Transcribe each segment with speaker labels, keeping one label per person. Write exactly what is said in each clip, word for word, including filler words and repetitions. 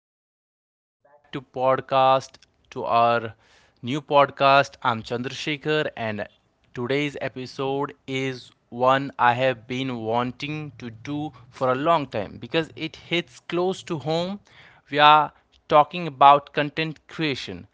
Speaker 1: you're here. Welcome back to podcast to our new podcast. I'm Chandrasekhar, and today's episode is one I have been wanting to do for a long time because it hits close to home. We are talking about content creation,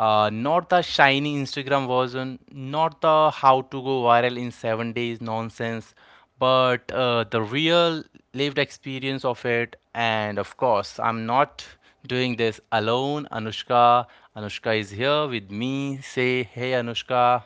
Speaker 1: uh, not the shiny Instagram version, not the how to go viral in seven days nonsense, but uh, the real lived experience of it. And of course, I'm not doing this alone. Anushka, Anushka is here with me. Say hey, Anushka.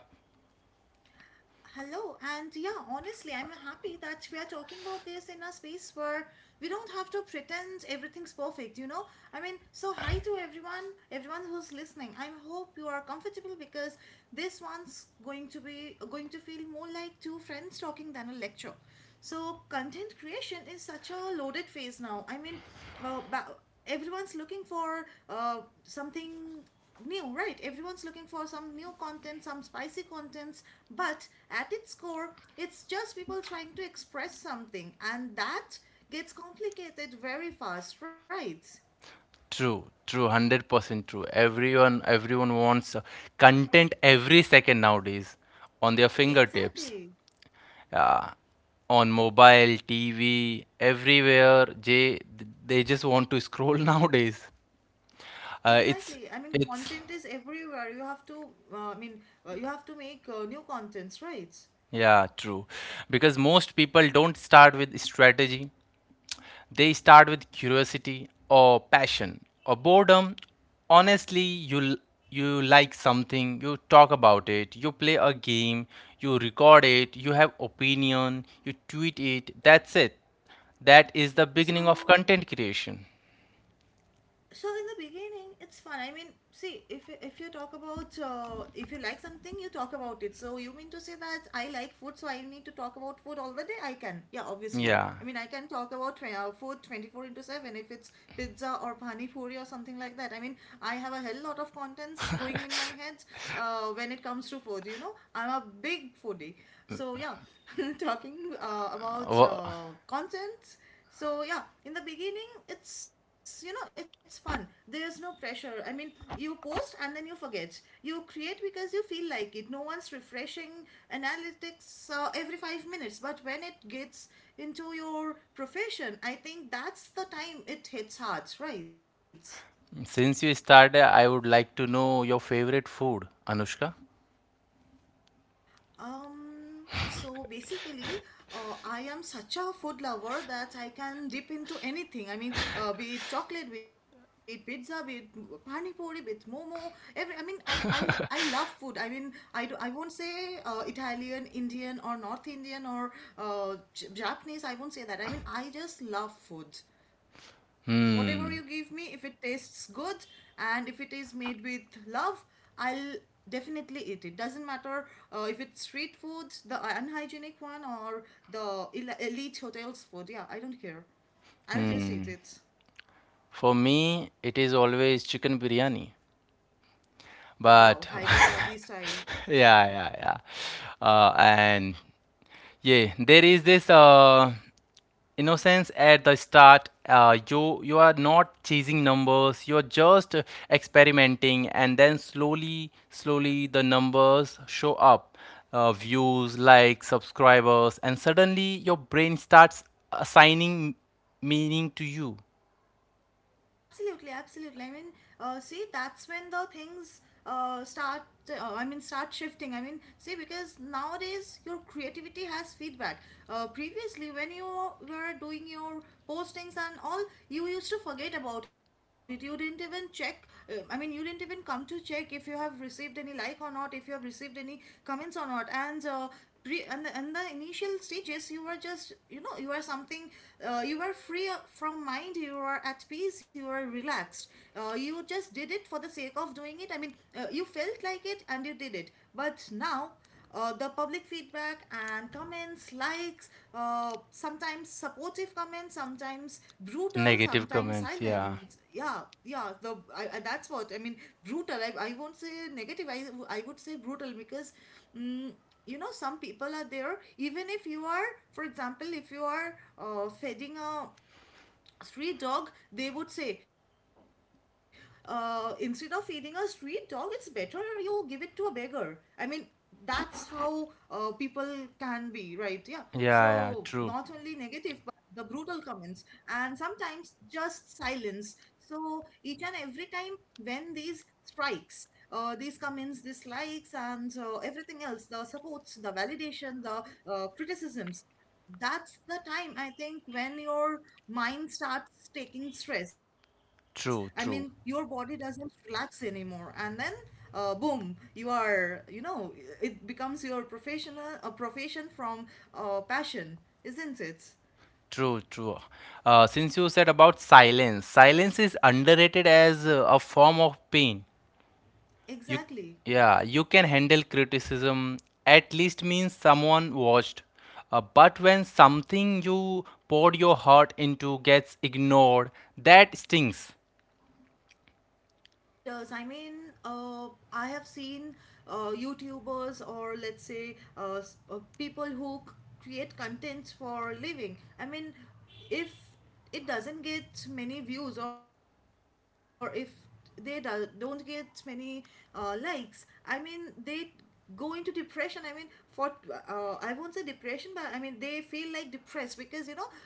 Speaker 2: Hello, and yeah, honestly, I'm happy that we are talking about this in a space where we don't have to pretend everything's perfect, you know? I mean, so hi to everyone, everyone who's listening. I hope you are comfortable because this one's going to be going to feel more like two friends talking than a lecture. So content creation is such a loaded phase now. I mean, uh, ba- everyone's looking for uh, something new, right? Everyone's looking for some new content, some spicy contents, but at its core, it's just people trying to express something, and that gets complicated very fast, right?
Speaker 1: True, true, one hundred percent true. Everyone, everyone wants uh, content every second nowadays on their fingertips.
Speaker 2: Exactly.
Speaker 1: Uh, on mobile, T V, everywhere, they, they just want to scroll nowadays. Uh, it's,
Speaker 2: Exactly. I mean,
Speaker 1: it's,
Speaker 2: content is everywhere. You have to, uh, I mean, uh, you have to make uh, new contents, right?
Speaker 1: yeah, true. Because most people don't start with strategy. They start with curiosity or passion or boredom. Honestly, you you like something, you talk about it, you play a game, you record it, you have opinion, you tweet it. That's it. That is the beginning of
Speaker 2: So,
Speaker 1: content creation.
Speaker 2: so in the beginning it's fun. I mean, see, if if you talk about uh, if you like something, you talk about it. So you mean to say that I like food, so I need to talk about food all the day? I can, yeah, obviously.
Speaker 1: Yeah.
Speaker 2: I mean, I can talk about tw- uh, food twenty-four into seven, if it's pizza or pani puri or something like that. I mean, I have a hell lot of contents going in my head uh, when it comes to food. You know, I'm a big foodie, so yeah. Talking uh, about
Speaker 1: Wha-
Speaker 2: uh, contents, so yeah, in the beginning it's, you know, it's fun. There's no pressure. I mean, you post and then you forget. You create because you feel like it. No one's refreshing analytics uh, every five minutes. But when it gets into your profession, I think that's the time it hits hard, right?
Speaker 1: Since you started, I would like to know your favorite food, Anushka.
Speaker 2: Um, so basically, uh, I am such a food lover that I can dip into anything. I mean, uh, be it chocolate, be it pizza, be it pani puri, be it momo. Every, I mean, I, I, I love food. I mean, I, do, I won't say uh, Italian, Indian, or North Indian, or uh, J- Japanese. I won't say that. I mean, I just love food. Whatever you give me, if it tastes good and if it is made with love, I'll definitely eat it. Doesn't matter uh, if it's street food, the unhygienic one, or the el- elite hotels food. Yeah, I don't care. I'll just eat it.
Speaker 1: For me, it is always chicken biryani.
Speaker 2: Wow,
Speaker 1: But
Speaker 2: Hyderabadi style.
Speaker 1: yeah, yeah, yeah. Uh, and yeah, there is this uh, innocence at the start. Uh, you you are not chasing numbers. You are just uh, experimenting, and then slowly, slowly the numbers show up. Uh, views, likes, subscribers, and suddenly your brain starts assigning meaning to you.
Speaker 2: Absolutely, absolutely. I mean, uh, see, that's when the things uh, start. Uh, I mean, start shifting. I mean, see, because nowadays your creativity has feedback. Uh, previously, when you were doing your postings and all, you used to forget about it. You didn't even check. Uh, I mean, you didn't even come to check if you have received any like or not, if you have received any comments or not. And uh, pre and the, and the initial stages, you were just, you know, you are something. Uh, you were free from mind, you are at peace, you are relaxed. Uh, you just did it for the sake of doing it. I mean, uh, you felt like it and you did it. But now uh, the public feedback and comments, likes, uh, sometimes supportive comments, sometimes brutal,
Speaker 1: Negative
Speaker 2: sometimes
Speaker 1: comments, yeah.
Speaker 2: silent. Yeah, yeah. The I, I, that's what I mean. Brutal. I, I won't say negative. I I would say brutal because mm, you know, some people are there even if you are, for example, if you are uh, feeding a street dog, they would say uh, instead of feeding a street dog, it's better you give it to a beggar. I mean, that's how uh, people can be, right? Yeah. So
Speaker 1: Yeah, yeah,
Speaker 2: not only
Speaker 1: true,
Speaker 2: negative but the brutal comments, and sometimes just silence. So each and every time when these strikes uh, these comments, dislikes, and uh, everything else, the supports, the validation, the uh, criticisms, that's the time I think when your mind starts taking stress. I mean, your
Speaker 1: true,
Speaker 2: body
Speaker 1: true.
Speaker 2: doesn't relax anymore, and then uh, boom, you are, you know, it becomes your professional a profession from uh, passion, isn't it?
Speaker 1: True, true. Uh, since you said about silence, silence is underrated as uh, a form of pain. You,
Speaker 2: Exactly.
Speaker 1: yeah, you can handle criticism, at least means someone watched. Uh, but when something you poured your heart into gets ignored, that stings.
Speaker 2: It really does. I mean, uh, I have seen uh, YouTubers, or let's say uh, s- uh, people who c- create contents for living. I mean, if it doesn't get many views, or if they do- don't get many uh, likes, I mean, they go into depression. I mean, for uh, I won't say depression, but I mean they feel like depressed, because, you know, um,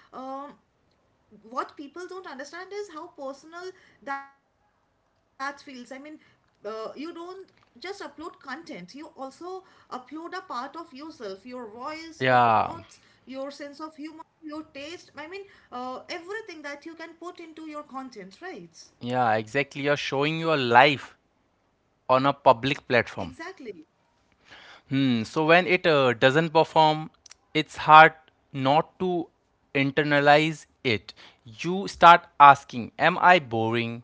Speaker 2: what people don't understand is how personal that feels. I mean, uh, you don't just upload content, you also upload a part of yourself, your voice, your thoughts, your
Speaker 1: Yeah,
Speaker 2: sense of humor, your taste. I mean, uh, everything that you can put into your content, right?
Speaker 1: yeah, exactly. You're showing your life on a public
Speaker 2: Exactly.
Speaker 1: platform. Hmm. So when it uh, doesn't perform, it's hard not to internalize it. You start asking, am I boring?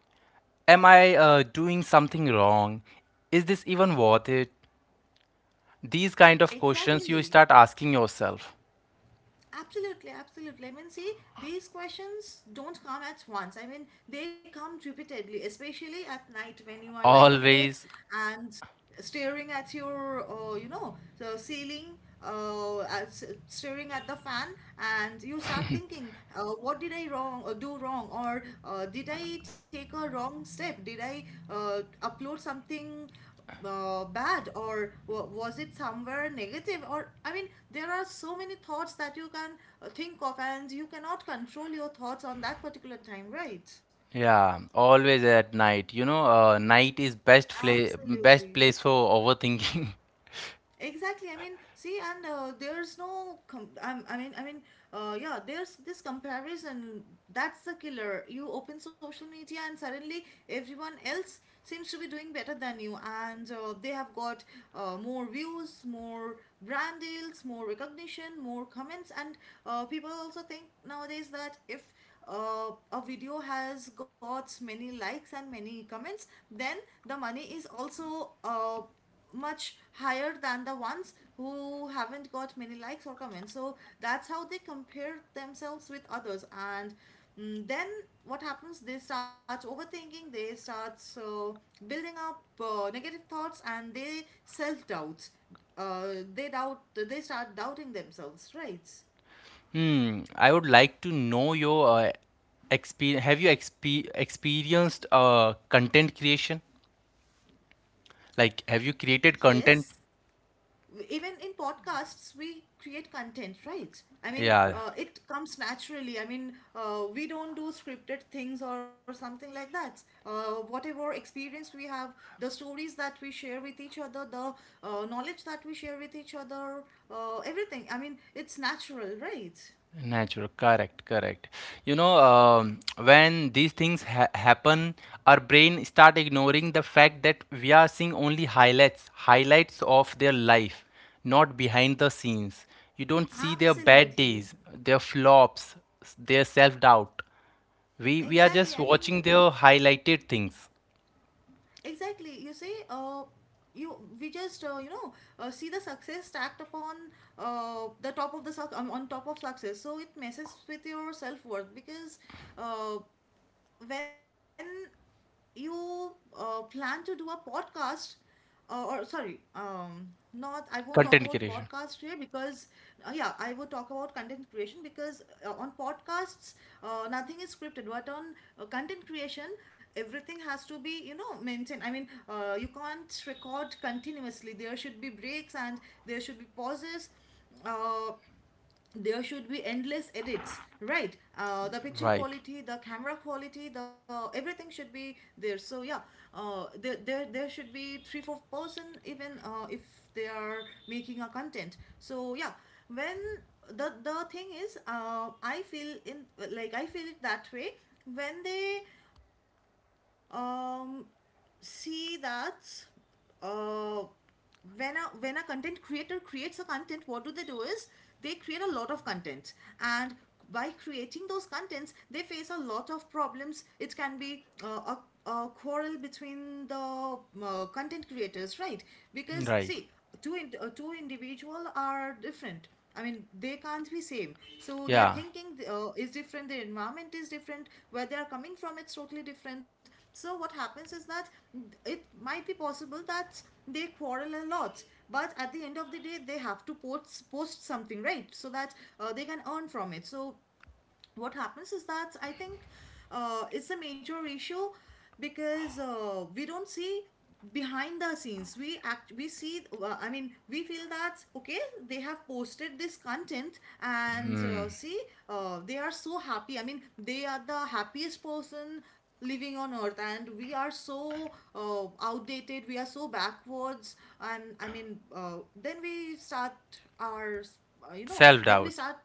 Speaker 1: Am I uh, doing something wrong? Is this even worth it? These kind of questions you
Speaker 2: Exactly.
Speaker 1: start asking yourself.
Speaker 2: Absolutely, absolutely. I mean, see, these questions don't come at once. I mean, they come repeatedly, especially at night when you are lying on bed
Speaker 1: Always,
Speaker 2: and staring at your uh, you know, the ceiling, uh, as, staring at the fan, and you start thinking uh, what did I wrong, uh, do wrong, or uh, did I take a wrong step, did I uh, upload something uh, bad, or wa was it somewhere negative, or I mean, there are so many thoughts that you can uh, think of, and you cannot control your thoughts on that particular time, right?
Speaker 1: yeah, always at night. You know, uh, night is best fla- best
Speaker 2: Absolutely.
Speaker 1: place for overthinking.
Speaker 2: Exactly. I mean, see, and uh, there's no. Com- I, I mean, I mean, uh, yeah. There's this comparison. That's the killer. You open social media, and suddenly everyone else seems to be doing better than you, and uh, they have got uh, more views, more brand deals, more recognition, more comments, and uh, people also think nowadays that if uh, a video has got many likes and many comments, then the money is also uh, much higher than the ones who haven't got many likes or comments. So that's how they compare themselves with others. And mm, then what happens? They start overthinking, they start so building up uh, negative thoughts, and they self doubt. Uh, they doubt, they start doubting themselves, right?
Speaker 1: Hmm, I would like to know your uh, experience. Have you expe experienced uh, content creation? Like, have you created content?
Speaker 2: Yes, even in podcasts we create content, right? I mean,
Speaker 1: Yeah,
Speaker 2: uh, it comes naturally. I mean, uh, we don't do scripted things or something like that. Uh, whatever experience we have, the stories that we share with each other, the uh, knowledge that we share with each other, uh, everything, I mean, it's natural, right?
Speaker 1: natural. Correct, correct. You know, um, when these things ha happen, our brain start ignoring the fact that we are seeing only highlights, highlights of their life, not behind the scenes. You don't see their bad days,
Speaker 2: Absolutely.
Speaker 1: their flops, their self-doubt. We we are just
Speaker 2: exactly i
Speaker 1: watching
Speaker 2: mean
Speaker 1: their highlighted things.
Speaker 2: Exactly. You see, uh, you we just, uh, you know uh, see the success stacked upon uh, the top of the suc- um, on top of success. So it messes with your self worth because uh, when you uh, plan to do a podcast, uh, or sorry, um, not, I won't talk about
Speaker 1: Content creation.
Speaker 2: podcast here because uh, yeah, I will talk about content creation, because uh, on podcasts uh, nothing is scripted, but on uh, content creation everything has to be, you know, maintained. I mean, uh, you can't record continuously. There should be breaks, and there should be pauses, uh, there should be endless edits, right? Uh, the picture
Speaker 1: Right.
Speaker 2: quality, the camera quality, the everything should be there. So yeah, uh, there, there there should be three four person, even uh, if they are making a content. So yeah, when the the thing is, uh, I feel in like, I feel it that way. When they um see that uh, when a when a content creator creates a content, what do they do is they create a lot of content, and by creating those contents, they face a lot of problems. It can be uh, a, a quarrel between the uh, content creators, right? Because see,
Speaker 1: Right.
Speaker 2: two in, uh, two individual are different. I mean, they can't be same, so their
Speaker 1: Yeah.
Speaker 2: thinking uh, is different, their environment is different, where they are coming from, it's totally different. So what happens is that it might be possible that they quarrel a lot, but at the end of the day they have to post, post something, right, so that uh, they can earn from it. So what happens is that I think uh, it's a major issue, because uh, we don't see behind the scenes. We act we see, uh, I mean we feel that, okay, they have posted this content, and uh, see, uh, they are so happy. I mean, they are the happiest person living on earth, and we are so uh, outdated, we are so backwards. And I mean, uh, then we start our, uh, you know then we
Speaker 1: Self-doubt.
Speaker 2: start,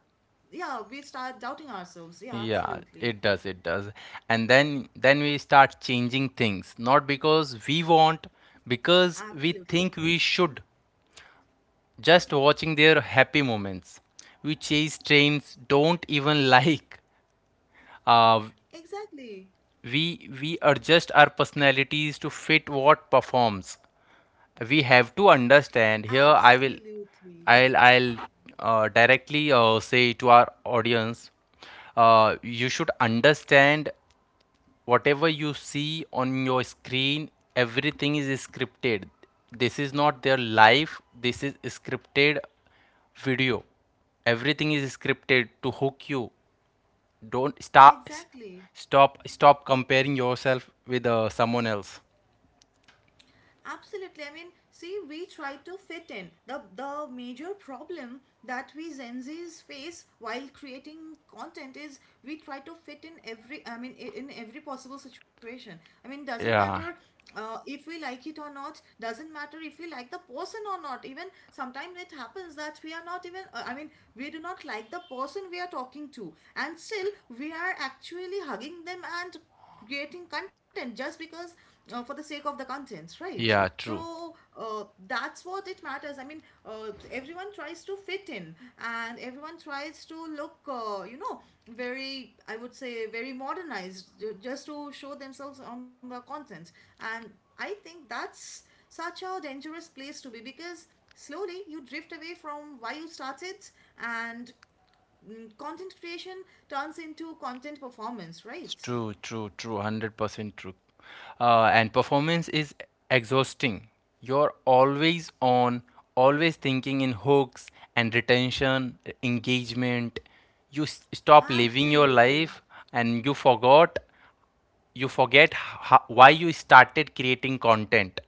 Speaker 2: yeah, we start doubting ourselves. Yeah,
Speaker 1: Yeah,
Speaker 2: absolutely.
Speaker 1: it does, it does. And then then we start changing things, not because we want,
Speaker 2: Absolutely.
Speaker 1: because we think we should. Just watching their happy moments. We chase trends, don't even like. Uh,
Speaker 2: Exactly.
Speaker 1: we we adjust our personalities to fit what performs. We have to understand here, I will,
Speaker 2: Absolutely.
Speaker 1: i'll I'll uh, directly uh, say to our audience, uh, you should understand whatever you see on your screen, everything is scripted. This is not their life. This is scripted video. Everything is scripted to hook you. Don't stop
Speaker 2: Exactly.
Speaker 1: stop Stop comparing yourself with uh, someone else.
Speaker 2: Absolutely. I mean, see, we try to fit in. The the major problem that we Gen Zs face while creating content is we try to fit in every. I mean, i- in every possible situation. I mean, doesn't matter
Speaker 1: Yeah,
Speaker 2: uh, if we like it or not. Doesn't matter if we like the person or not. Even sometimes it happens that we are not even. Uh, I mean, we do not like the person we are talking to, and still we are actually hugging them and creating content just because, uh, for the sake of the contents, right?
Speaker 1: yeah, true.
Speaker 2: So uh, that's what it matters. I mean, uh, everyone tries to fit in, and everyone tries to look, uh, you know, very, I would say very modernized, ju- just to show themselves on the contents. And I think that's such a dangerous place to be, because slowly you drift away from why you started, and mm, content creation turns into content performance,
Speaker 1: It's
Speaker 2: right?
Speaker 1: true, true, true, one hundred percent true. Uh, and performance is exhausting. You're always on, always thinking in hooks and retention, engagement. You s- stop living your
Speaker 2: Absolutely.
Speaker 1: life, and you forgot, you forget, ho- why you started creating content.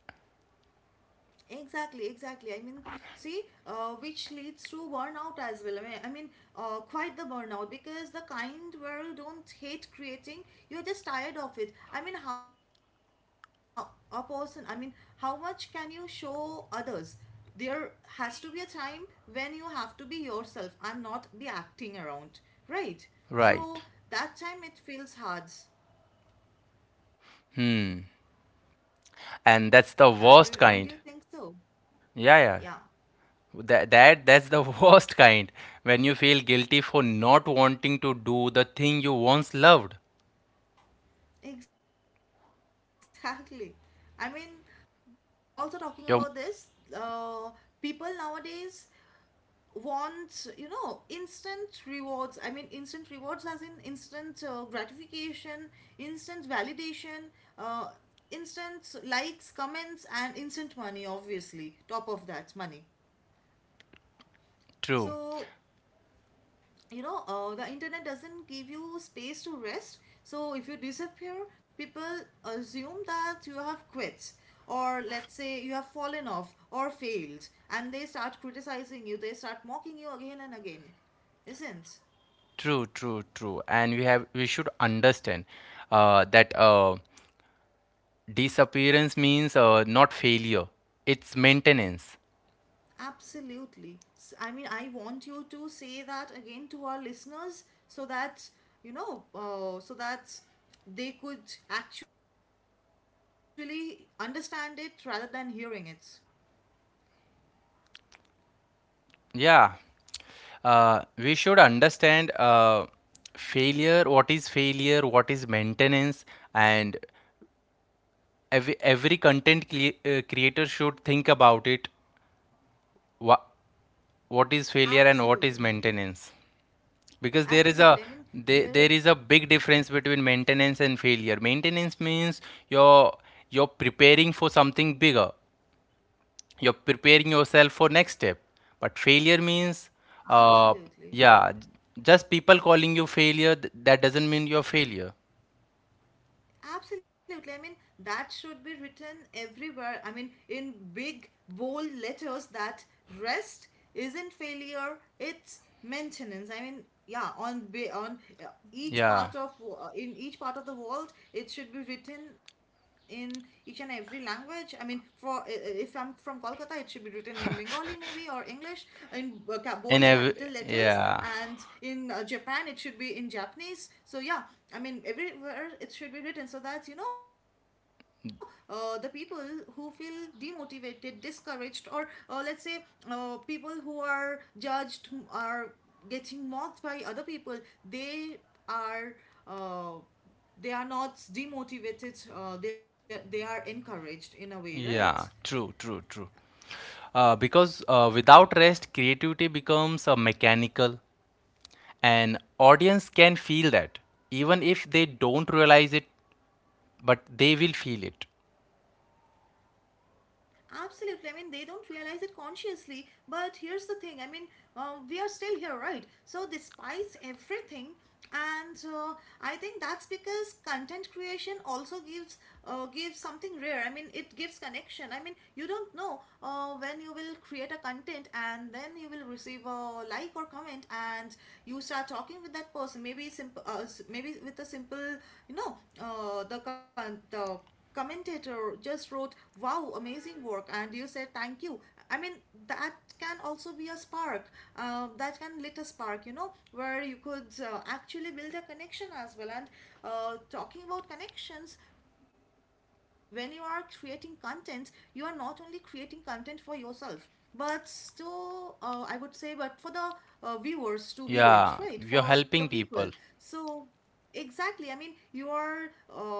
Speaker 2: Exactly, exactly. I mean, see, uh, which leads to burnout as well. I mean, I mean, uh, quite the burnout, because the kind where you don't hate creating, you're just tired of it. I mean, how a person, I mean, how much can you show others? There has to be a time when you have to be yourself and not be acting around, right? So that
Speaker 1: Right.
Speaker 2: time it feels hard. What do you have
Speaker 1: And
Speaker 2: to
Speaker 1: that's
Speaker 2: say
Speaker 1: the
Speaker 2: about that? Do
Speaker 1: worst
Speaker 2: you, don't
Speaker 1: kind.
Speaker 2: you think so?
Speaker 1: Yeah, yeah.
Speaker 2: Yeah.
Speaker 1: That, that that's the worst kind when you feel guilty for not wanting to do the thing you once loved.
Speaker 2: Exactly. I mean, also talking about this,
Speaker 1: Yep,
Speaker 2: uh, people nowadays want, you know, instant rewards. I mean, instant rewards as in instant uh, gratification, instant validation, uh, instant likes, comments, and instant money, obviously. Top of that, money.
Speaker 1: true,
Speaker 2: So you know, uh, the internet doesn't give you space to rest. So if you disappear, people assume that you have quit, or let's say you have fallen off or failed, and they start criticizing you, they start mocking you again and again. Isn't...
Speaker 1: true, true, true. And we have, we should understand uh, that uh, disappearance means uh, not failure; it's maintenance.
Speaker 2: absolutely. S- I mean, I want you to say that again to our listeners so that you know, uh, so that they could actually understand it, rather than hearing it.
Speaker 1: Yeah, uh, we should understand uh, failure. What is failure? What is maintenance? And every every content cre- uh, creator should think about it. What what is failure
Speaker 2: Absolutely.
Speaker 1: and what is maintenance? Because there
Speaker 2: Absolutely. I
Speaker 1: is
Speaker 2: mean,
Speaker 1: a,
Speaker 2: there,
Speaker 1: there, there is a big difference between maintenance and failure. Maintenance means you're you're preparing for something bigger, you're preparing yourself for next step. But failure means uh,
Speaker 2: absolutely.
Speaker 1: yeah, just people calling you failure, th- that doesn't mean you're failure.
Speaker 2: Absolutely. I mean, that should be written everywhere. I mean, in big, bold letters, that rest isn't failure, it's maintenance. I mean, yeah, on ba- on uh, each
Speaker 1: Yeah,
Speaker 2: part of wo- uh, in each part of the world, it should be written in each and every language. I mean, for uh, uh, if I'm from Kolkata, it should be written in Bengali, maybe, or for English in uh, bold
Speaker 1: and
Speaker 2: capital
Speaker 1: every,
Speaker 2: letters,
Speaker 1: yeah,
Speaker 2: and in uh, Japan, it should be in Japanese. So yeah, I mean, everywhere it should be written, so that you know, uh, the people who feel demotivated, discouraged, or uh, let's say uh, people who are judged are getting mocked by other people. They are. Uh, they are not demotivated, uh, they, they are encouraged in a way, right?
Speaker 1: yeah, true, true, true. Uh, because uh, without rest creativity becomes uh, mechanical. And audience can feel that, even if they don't realize it, but they will feel it.
Speaker 2: Absolutely. I mean, they don't realize it consciously. But here's the thing. I mean, uh, we are still here, right? So, despite everything, and uh, I think that's because content creation also gives uh, gives something rare. I mean, it gives connection. I mean, you don't know uh, when you will create a content and then you will receive a like or comment, and you start talking with that person. Maybe simple, uh, s- maybe with a simple, you know, uh, the con- the commentator just wrote, "Wow, amazing work," and you said thank you. I mean, that can also be a spark, uh, that can lit a spark, you know, where you could uh, actually build a connection as well. And uh, talking about connections, when you are creating content, you are not only creating content for yourself. But still, uh, I would say, but for the uh, viewers to view it, right? For
Speaker 1: Yeah,
Speaker 2: the
Speaker 1: you're
Speaker 2: people.
Speaker 1: helping people.
Speaker 2: So, exactly. I mean, you are uh,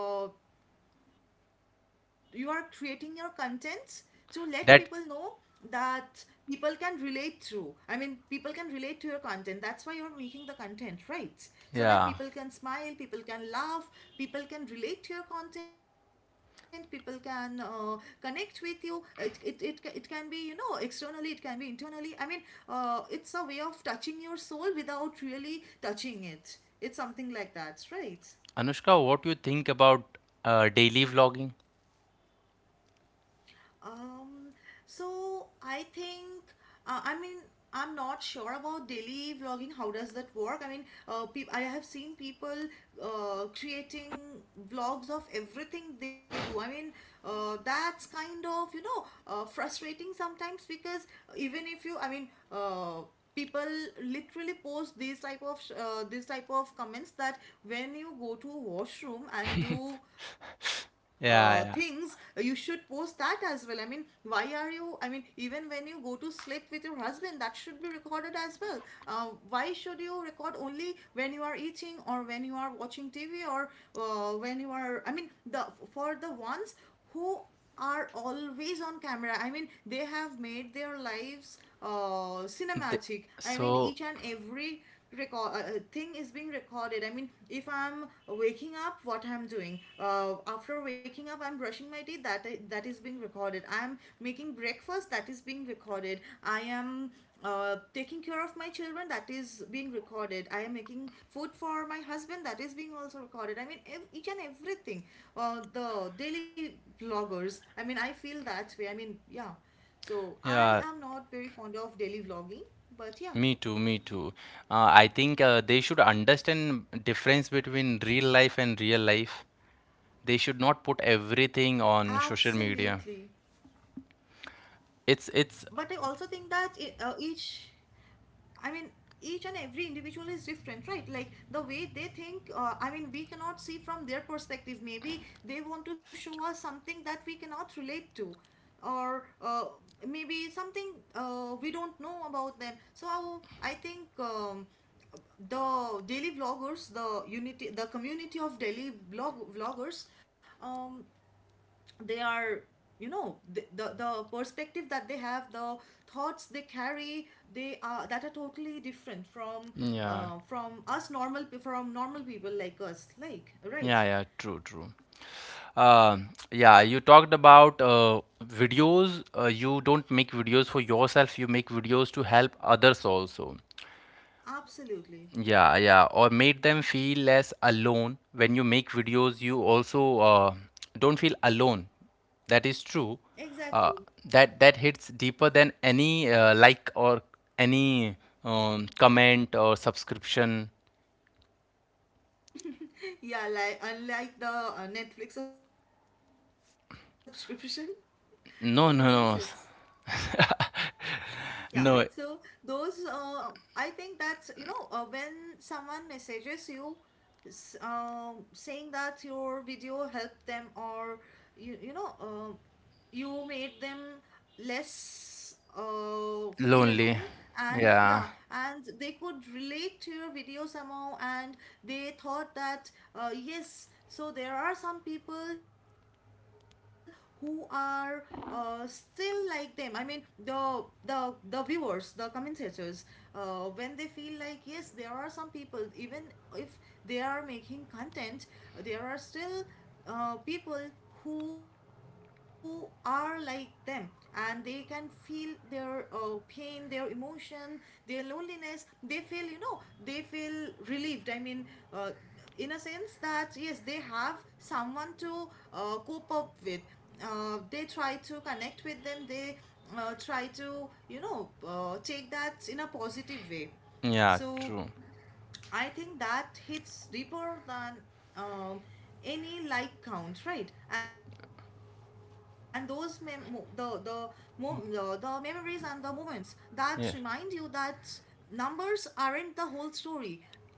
Speaker 2: you are creating your contents to let people know
Speaker 1: That,
Speaker 2: that people can relate to. I mean, people can relate to your content, that's why you're making the content, right? So that people can
Speaker 1: yeah.
Speaker 2: smile, people can laugh, people can relate to your content, people can uh, connect with you. It, it, it, it can be, you know, externally, it can be internally. I mean, uh, it's a way of touching your soul without really touching it. It's something like that, right?
Speaker 1: Anushka, what you think about uh, daily vlogging?
Speaker 2: Um, so I think, uh, I mean, I'm not sure about daily vlogging. How does that work? I mean, uh, peop I have seen people uh, creating vlogs of everything they do. I mean, uh, that's kind of, you know, uh, frustrating sometimes, because even if you, I mean, uh, people literally post these type of sh- uh, this type of comments, that when you go to washroom and do uh, things, uh,
Speaker 1: Yeah,
Speaker 2: you
Speaker 1: yeah.
Speaker 2: should post that as well. I mean, why are you... I mean, even when you go to sleep with your husband, that should be recorded as well. Uh, why should you record only when you are eating, or when you are watching T V, or uh, when you are... I mean, the for the ones who are always on camera. I mean, they have made their lives uh,
Speaker 1: Th-
Speaker 2: cinematic. I mean,
Speaker 1: so,
Speaker 2: each and every record uh, uh, thing is being recorded. I mean, if I'm waking up, what I'm doing. Uh, after waking up, I'm brushing my teeth. That that is being recorded. I'm making breakfast. That is being recorded. I am uh, taking care of my children, that is being recorded. I am making food for my husband, that is being also recorded. I mean, ev- each and everything. Uh, the daily vloggers, I mean, I feel that way. I mean, yeah. So I
Speaker 1: yeah,
Speaker 2: am not very fond of daily vlogging, but yeah.
Speaker 1: me too, me too. Uh, I think uh, they should understand difference between real life and real life. They should not put everything on
Speaker 2: Absolutely.
Speaker 1: social media.
Speaker 2: But I
Speaker 1: It's
Speaker 2: also
Speaker 1: it's
Speaker 2: think that I- uh, each I mean, each and every individual is different, right? Like the way they think, uh, I mean, we cannot see from their perspective. Maybe they want to show us something that we cannot relate to, or uh, maybe something uh, we don't know about them. So I think. Um, the daily vloggers, the unity, the community of daily vlog vloggers, um, they are, you know, the, the the perspective that they have, the thoughts they carry, they are... that are totally different from
Speaker 1: yeah,
Speaker 2: uh, from us normal pe- from normal people like us, like, right?
Speaker 1: yeah, yeah, true, true. Um, yeah, you talked about uh, videos. Uh, you don't make videos for yourself, you make videos to help others also.
Speaker 2: Absolutely,
Speaker 1: Yeah, yeah, or made them feel less alone. When you make videos, you also uh, don't feel alone. That is true.
Speaker 2: exactly.
Speaker 1: Uh, that that hits deeper than any uh, like, or any um, comment or subscription.
Speaker 2: Yeah, like, unlike the uh, Netflix subscription. Isn't it?
Speaker 1: No, no, no,
Speaker 2: Yeah, so
Speaker 1: no.
Speaker 2: those uh, I think that's, you know, uh, when someone messages you, s- um, saying that your video helped them, or you you know, uh, you made them less, uh, feel
Speaker 1: Lonely.
Speaker 2: alone, and
Speaker 1: Yeah,
Speaker 2: yeah, and they could relate to your video somehow, and they thought that, uh, yes, so there are some people who are uh, still like them. I mean, the the the viewers, the commentators, uh, when they feel like, yes, there are some people, even if they are making content, uh, there are still uh, people who are like them, and they can feel their uh, pain, their emotion, their loneliness. They feel, you know, they feel relieved. I mean, uh, in a sense that yes, they have someone to uh, cope up with. Uh, they try to connect with them. They uh, try to, you know, uh, take that in a positive way.
Speaker 1: yeah,
Speaker 2: So
Speaker 1: true.
Speaker 2: I think that hits deeper than um, any like count, right? And those mem- mo- the the, mo- the the memories and the moments that remind you
Speaker 1: Yeah.
Speaker 2: that numbers aren't the whole story, right?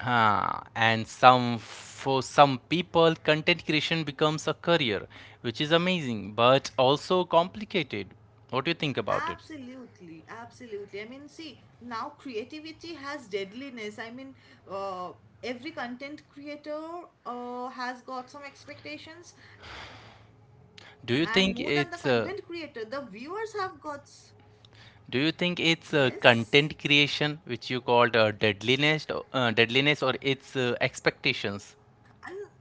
Speaker 1: Ah, and some, for some people, content creation becomes a career, which is amazing but also complicated. What do you think about it?
Speaker 2: Absolutely, absolutely. I mean, see, now creativity has deadliness. I mean, uh, every content creator uh, has got some expectations, and more than the content
Speaker 1: Do you
Speaker 2: creator, the
Speaker 1: think it's
Speaker 2: viewers
Speaker 1: uh,
Speaker 2: have got.
Speaker 1: do you think
Speaker 2: Yes.
Speaker 1: it's uh, content creation, which you called uh, deadliness, or- uh, deadliness, or it's uh, expectations?
Speaker 2: And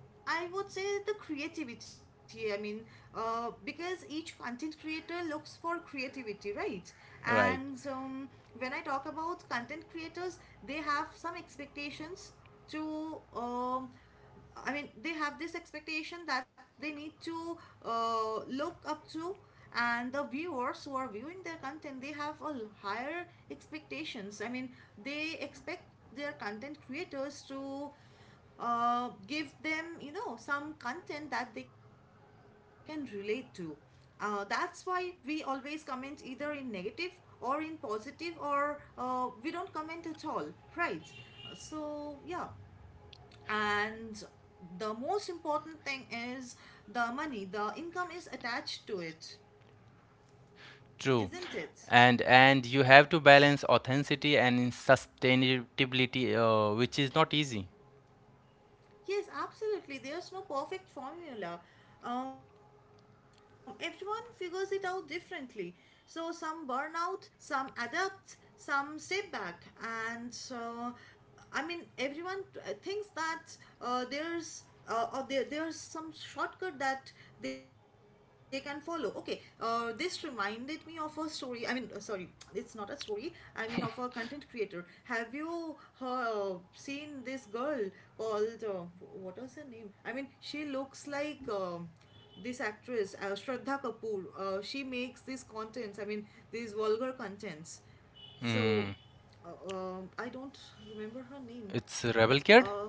Speaker 2: I would say the creativity. I mean, uh, because each content creator looks for creativity, right? And
Speaker 1: Right.
Speaker 2: um, when I talk about content creators, they have some expectations to. Um, I mean, they have this expectation that they need to uh, look up to, and the viewers who are viewing their content, they have a l- higher expectations. I mean, they expect their content creators to uh, give them, you know, some content that they can relate to. Uh, that's why we always comment, either in negative or in positive, or uh, we don't comment at all, right? So yeah. And the most important thing is, the money, the income, is attached to it,
Speaker 1: True.
Speaker 2: isn't it?
Speaker 1: And and you have to balance authenticity and sustainability, uh, which is not easy.
Speaker 2: Yes, absolutely. There's no perfect formula. Um, everyone figures it out differently. So some burn out, some adapt, some step back, and uh, I mean, everyone uh, thinks that uh, there's uh, or there there's some shortcut that they can follow. Okay, uh, this reminded me of a story. I mean, uh, sorry, it's not a story, I mean, of a content creator. Have you uh, seen this girl called, uh, what was her name, I mean, she looks like, um, this actress, uh, Shraddha Kapoor. Uh, she makes these contents, I mean, these vulgar contents. So uh, um, I don't remember her name.
Speaker 1: It's Rebel Kid.
Speaker 2: uh,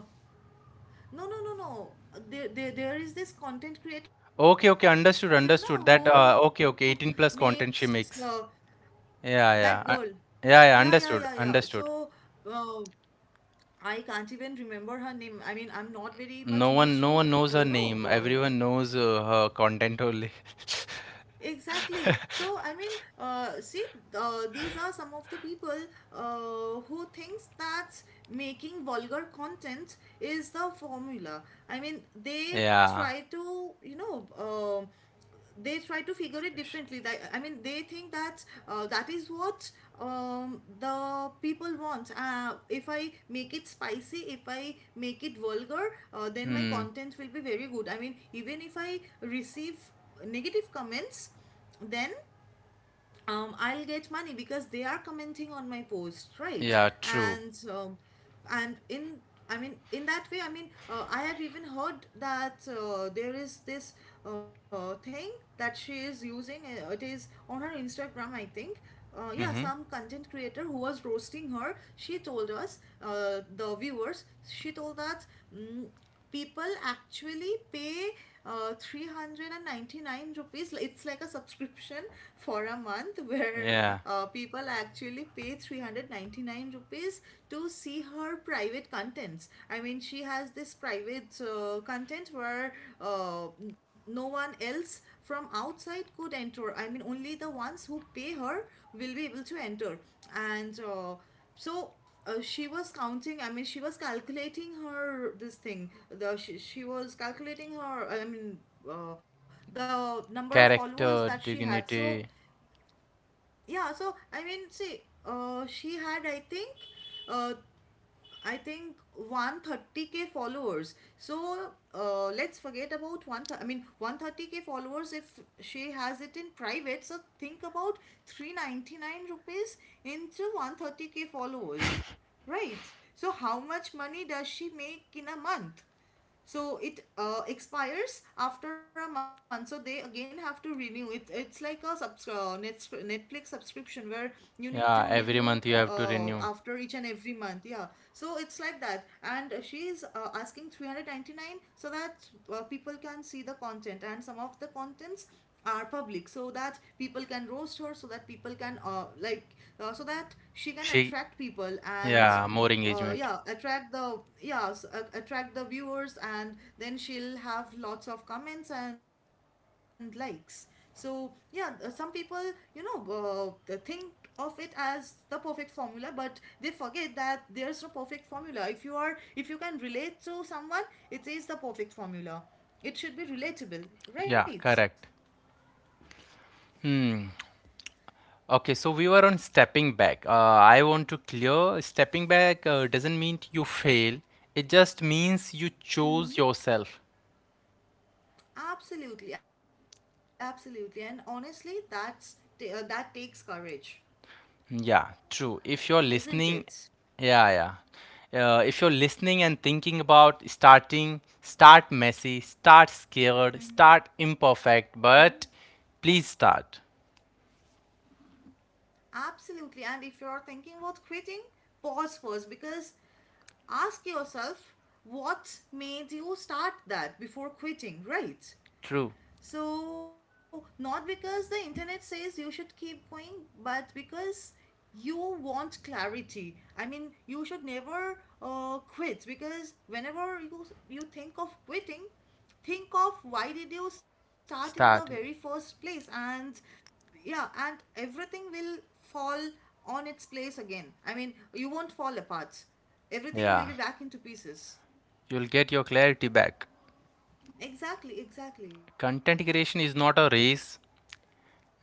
Speaker 2: no, no, no, no. There, there, there is this content creator now,
Speaker 1: Okay, okay,
Speaker 2: who
Speaker 1: understood, understood. That
Speaker 2: makes
Speaker 1: uh,
Speaker 2: uh,
Speaker 1: okay, okay, eighteen plus content she makes.
Speaker 2: that girl.
Speaker 1: Yeah, yeah,
Speaker 2: Yeah,
Speaker 1: uh,
Speaker 2: yeah, yeah, yeah.
Speaker 1: yeah, yeah.
Speaker 2: So
Speaker 1: Understood, understood.
Speaker 2: uh, I can't even remember her name. I mean, I'm not very much used to,
Speaker 1: No one,
Speaker 2: uh,
Speaker 1: no
Speaker 2: you
Speaker 1: one
Speaker 2: know,
Speaker 1: knows her
Speaker 2: uh,
Speaker 1: name. Everyone knows uh, her content only.
Speaker 2: exactly. So I mean, uh, see, uh, these are some of the people uh, who thinks that making vulgar content is the formula. I mean, they
Speaker 1: Yeah,
Speaker 2: try to, you know, um they try to figure it
Speaker 1: especially.
Speaker 2: differently. That, I mean, they think that uh, that is what um, the people want. Uh, if I make it spicy, if I make it vulgar, uh, then my
Speaker 1: Hmm.
Speaker 2: content will be very good. I mean, even if I receive negative comments, then um, I'll get money because they are commenting on my post, right?
Speaker 1: Yeah, true.
Speaker 2: And um, and in I mean, in that way, I mean, uh, I have even heard that uh, there is this uh, thing that she is using. uh, It is on her Instagram, I think. Uh, yeah,
Speaker 1: Mm-hmm.
Speaker 2: some content creator who was roasting her, she told us, uh, the viewers, she told that. mm People actually pay uh, three hundred ninety-nine rupees. It's like a subscription for a month, where
Speaker 1: Yeah,
Speaker 2: uh, people actually pay three hundred ninety-nine rupees to see her private contents. I mean, she has this private uh, content where uh, no one else from outside could enter. I mean, only the ones who pay her will be able to enter. And uh, so uh, She was counting, I mean, she was calculating her this thing, the she, she was calculating her, I mean, uh, the number of followers
Speaker 1: character,
Speaker 2: that she had. So
Speaker 1: dignity.
Speaker 2: yeah, so I mean, see, uh, she had, I think, uh, I think one thirty k followers. So uh, let's forget about one. Th- I mean, one thirty k followers. If she has it in private, so think about three ninety-nine rupees into one thirty k followers, right? So how much money does she make in a month? So it uh, expires after a month, so they again have to renew it. It's like a subs- uh, net Netflix subscription where you need to
Speaker 1: Yeah,
Speaker 2: renew
Speaker 1: every month you have
Speaker 2: uh,
Speaker 1: to
Speaker 2: after
Speaker 1: renew.
Speaker 2: each and every month. Yeah, so it's like that, and she is uh, asking three hundred ninety-nine so that uh, people can see the content, and some of the contents are public so that people can roast her, so that people can uh, like uh, so that she can
Speaker 1: She.
Speaker 2: attract people, and
Speaker 1: Yeah, more
Speaker 2: uh,
Speaker 1: engagement.
Speaker 2: yeah, attract the, yeah, s- a- attract the viewers, and then she'll have lots of comments and likes. So yeah, uh, some people, you know uh, think of it as the perfect formula, but they forget that there's no perfect formula. If you are, if you can relate to someone, it is the perfect formula. It should be
Speaker 1: Yeah,
Speaker 2: relatable,
Speaker 1: correct.
Speaker 2: right?
Speaker 1: Okay, so we were on stepping back. Uh, I want to clear stepping back uh, doesn't mean you fail, it just means you chose yourself.
Speaker 2: Absolutely, absolutely. And honestly, that's ta- uh, that takes courage,
Speaker 1: Yeah, true. If you're listening,
Speaker 2: isn't it?
Speaker 1: yeah, yeah. Uh, if you're listening and thinking about starting, start messy, start scared, start imperfect, but please start.
Speaker 2: Absolutely. And if you are thinking about quitting, pause first, because ask yourself what made you start that before quitting,
Speaker 1: True.
Speaker 2: right? So, not because the internet says you should keep going, but because you want clarity. I mean, you should never uh, quit, because whenever you, you think of quitting, think of why did you start
Speaker 1: Start
Speaker 2: in
Speaker 1: it.
Speaker 2: the very first place. And yeah, and everything will fall on its place again. I mean, you won't fall apart,
Speaker 1: Yeah,
Speaker 2: everything will be back into
Speaker 1: you'll
Speaker 2: pieces.
Speaker 1: get your clarity back.
Speaker 2: Exactly,
Speaker 1: Content creation is
Speaker 2: exactly.
Speaker 1: not a race.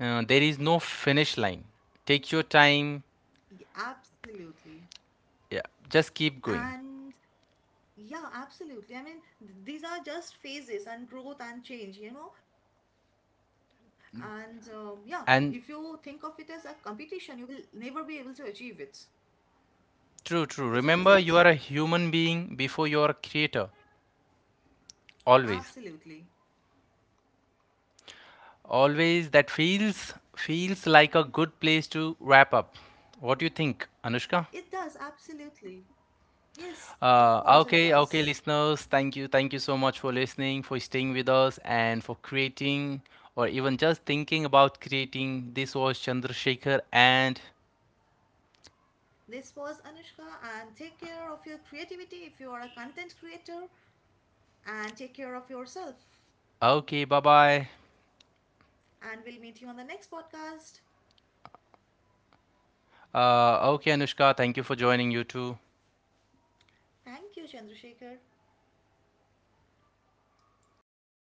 Speaker 1: Uh, there is no finish line. Take your time.
Speaker 2: Y-
Speaker 1: Yeah,
Speaker 2: absolutely.
Speaker 1: just keep going.
Speaker 2: And yeah, absolutely. I mean, th- these are just phases and growth and change, you know. And um, yeah, if
Speaker 1: And
Speaker 2: you think of it as a competition, you will never be able to achieve it,
Speaker 1: true, true. Remember, you are a
Speaker 2: isn't
Speaker 1: human
Speaker 2: it?
Speaker 1: being before you are a creator. Always,
Speaker 2: Absolutely.
Speaker 1: always. That feels feels like a good place to wrap up. What do you think, Anushka?
Speaker 2: It does, absolutely.
Speaker 1: Uh,
Speaker 2: Yes,
Speaker 1: okay, okay,
Speaker 2: of course it
Speaker 1: listeners. Thank you,
Speaker 2: does.
Speaker 1: thank you so much for listening, for staying with us, and for creating or even just thinking about creating. This was Chandrasekhar, and
Speaker 2: This was Anushka, and take care of your creativity if you are a content creator, and take care of
Speaker 1: okay, bye
Speaker 2: yourself.
Speaker 1: bye.
Speaker 2: And we'll meet you on the next podcast.
Speaker 1: Uh, okay, Anushka, thank you for joining you too.
Speaker 2: Thank you, Chandrasekhar.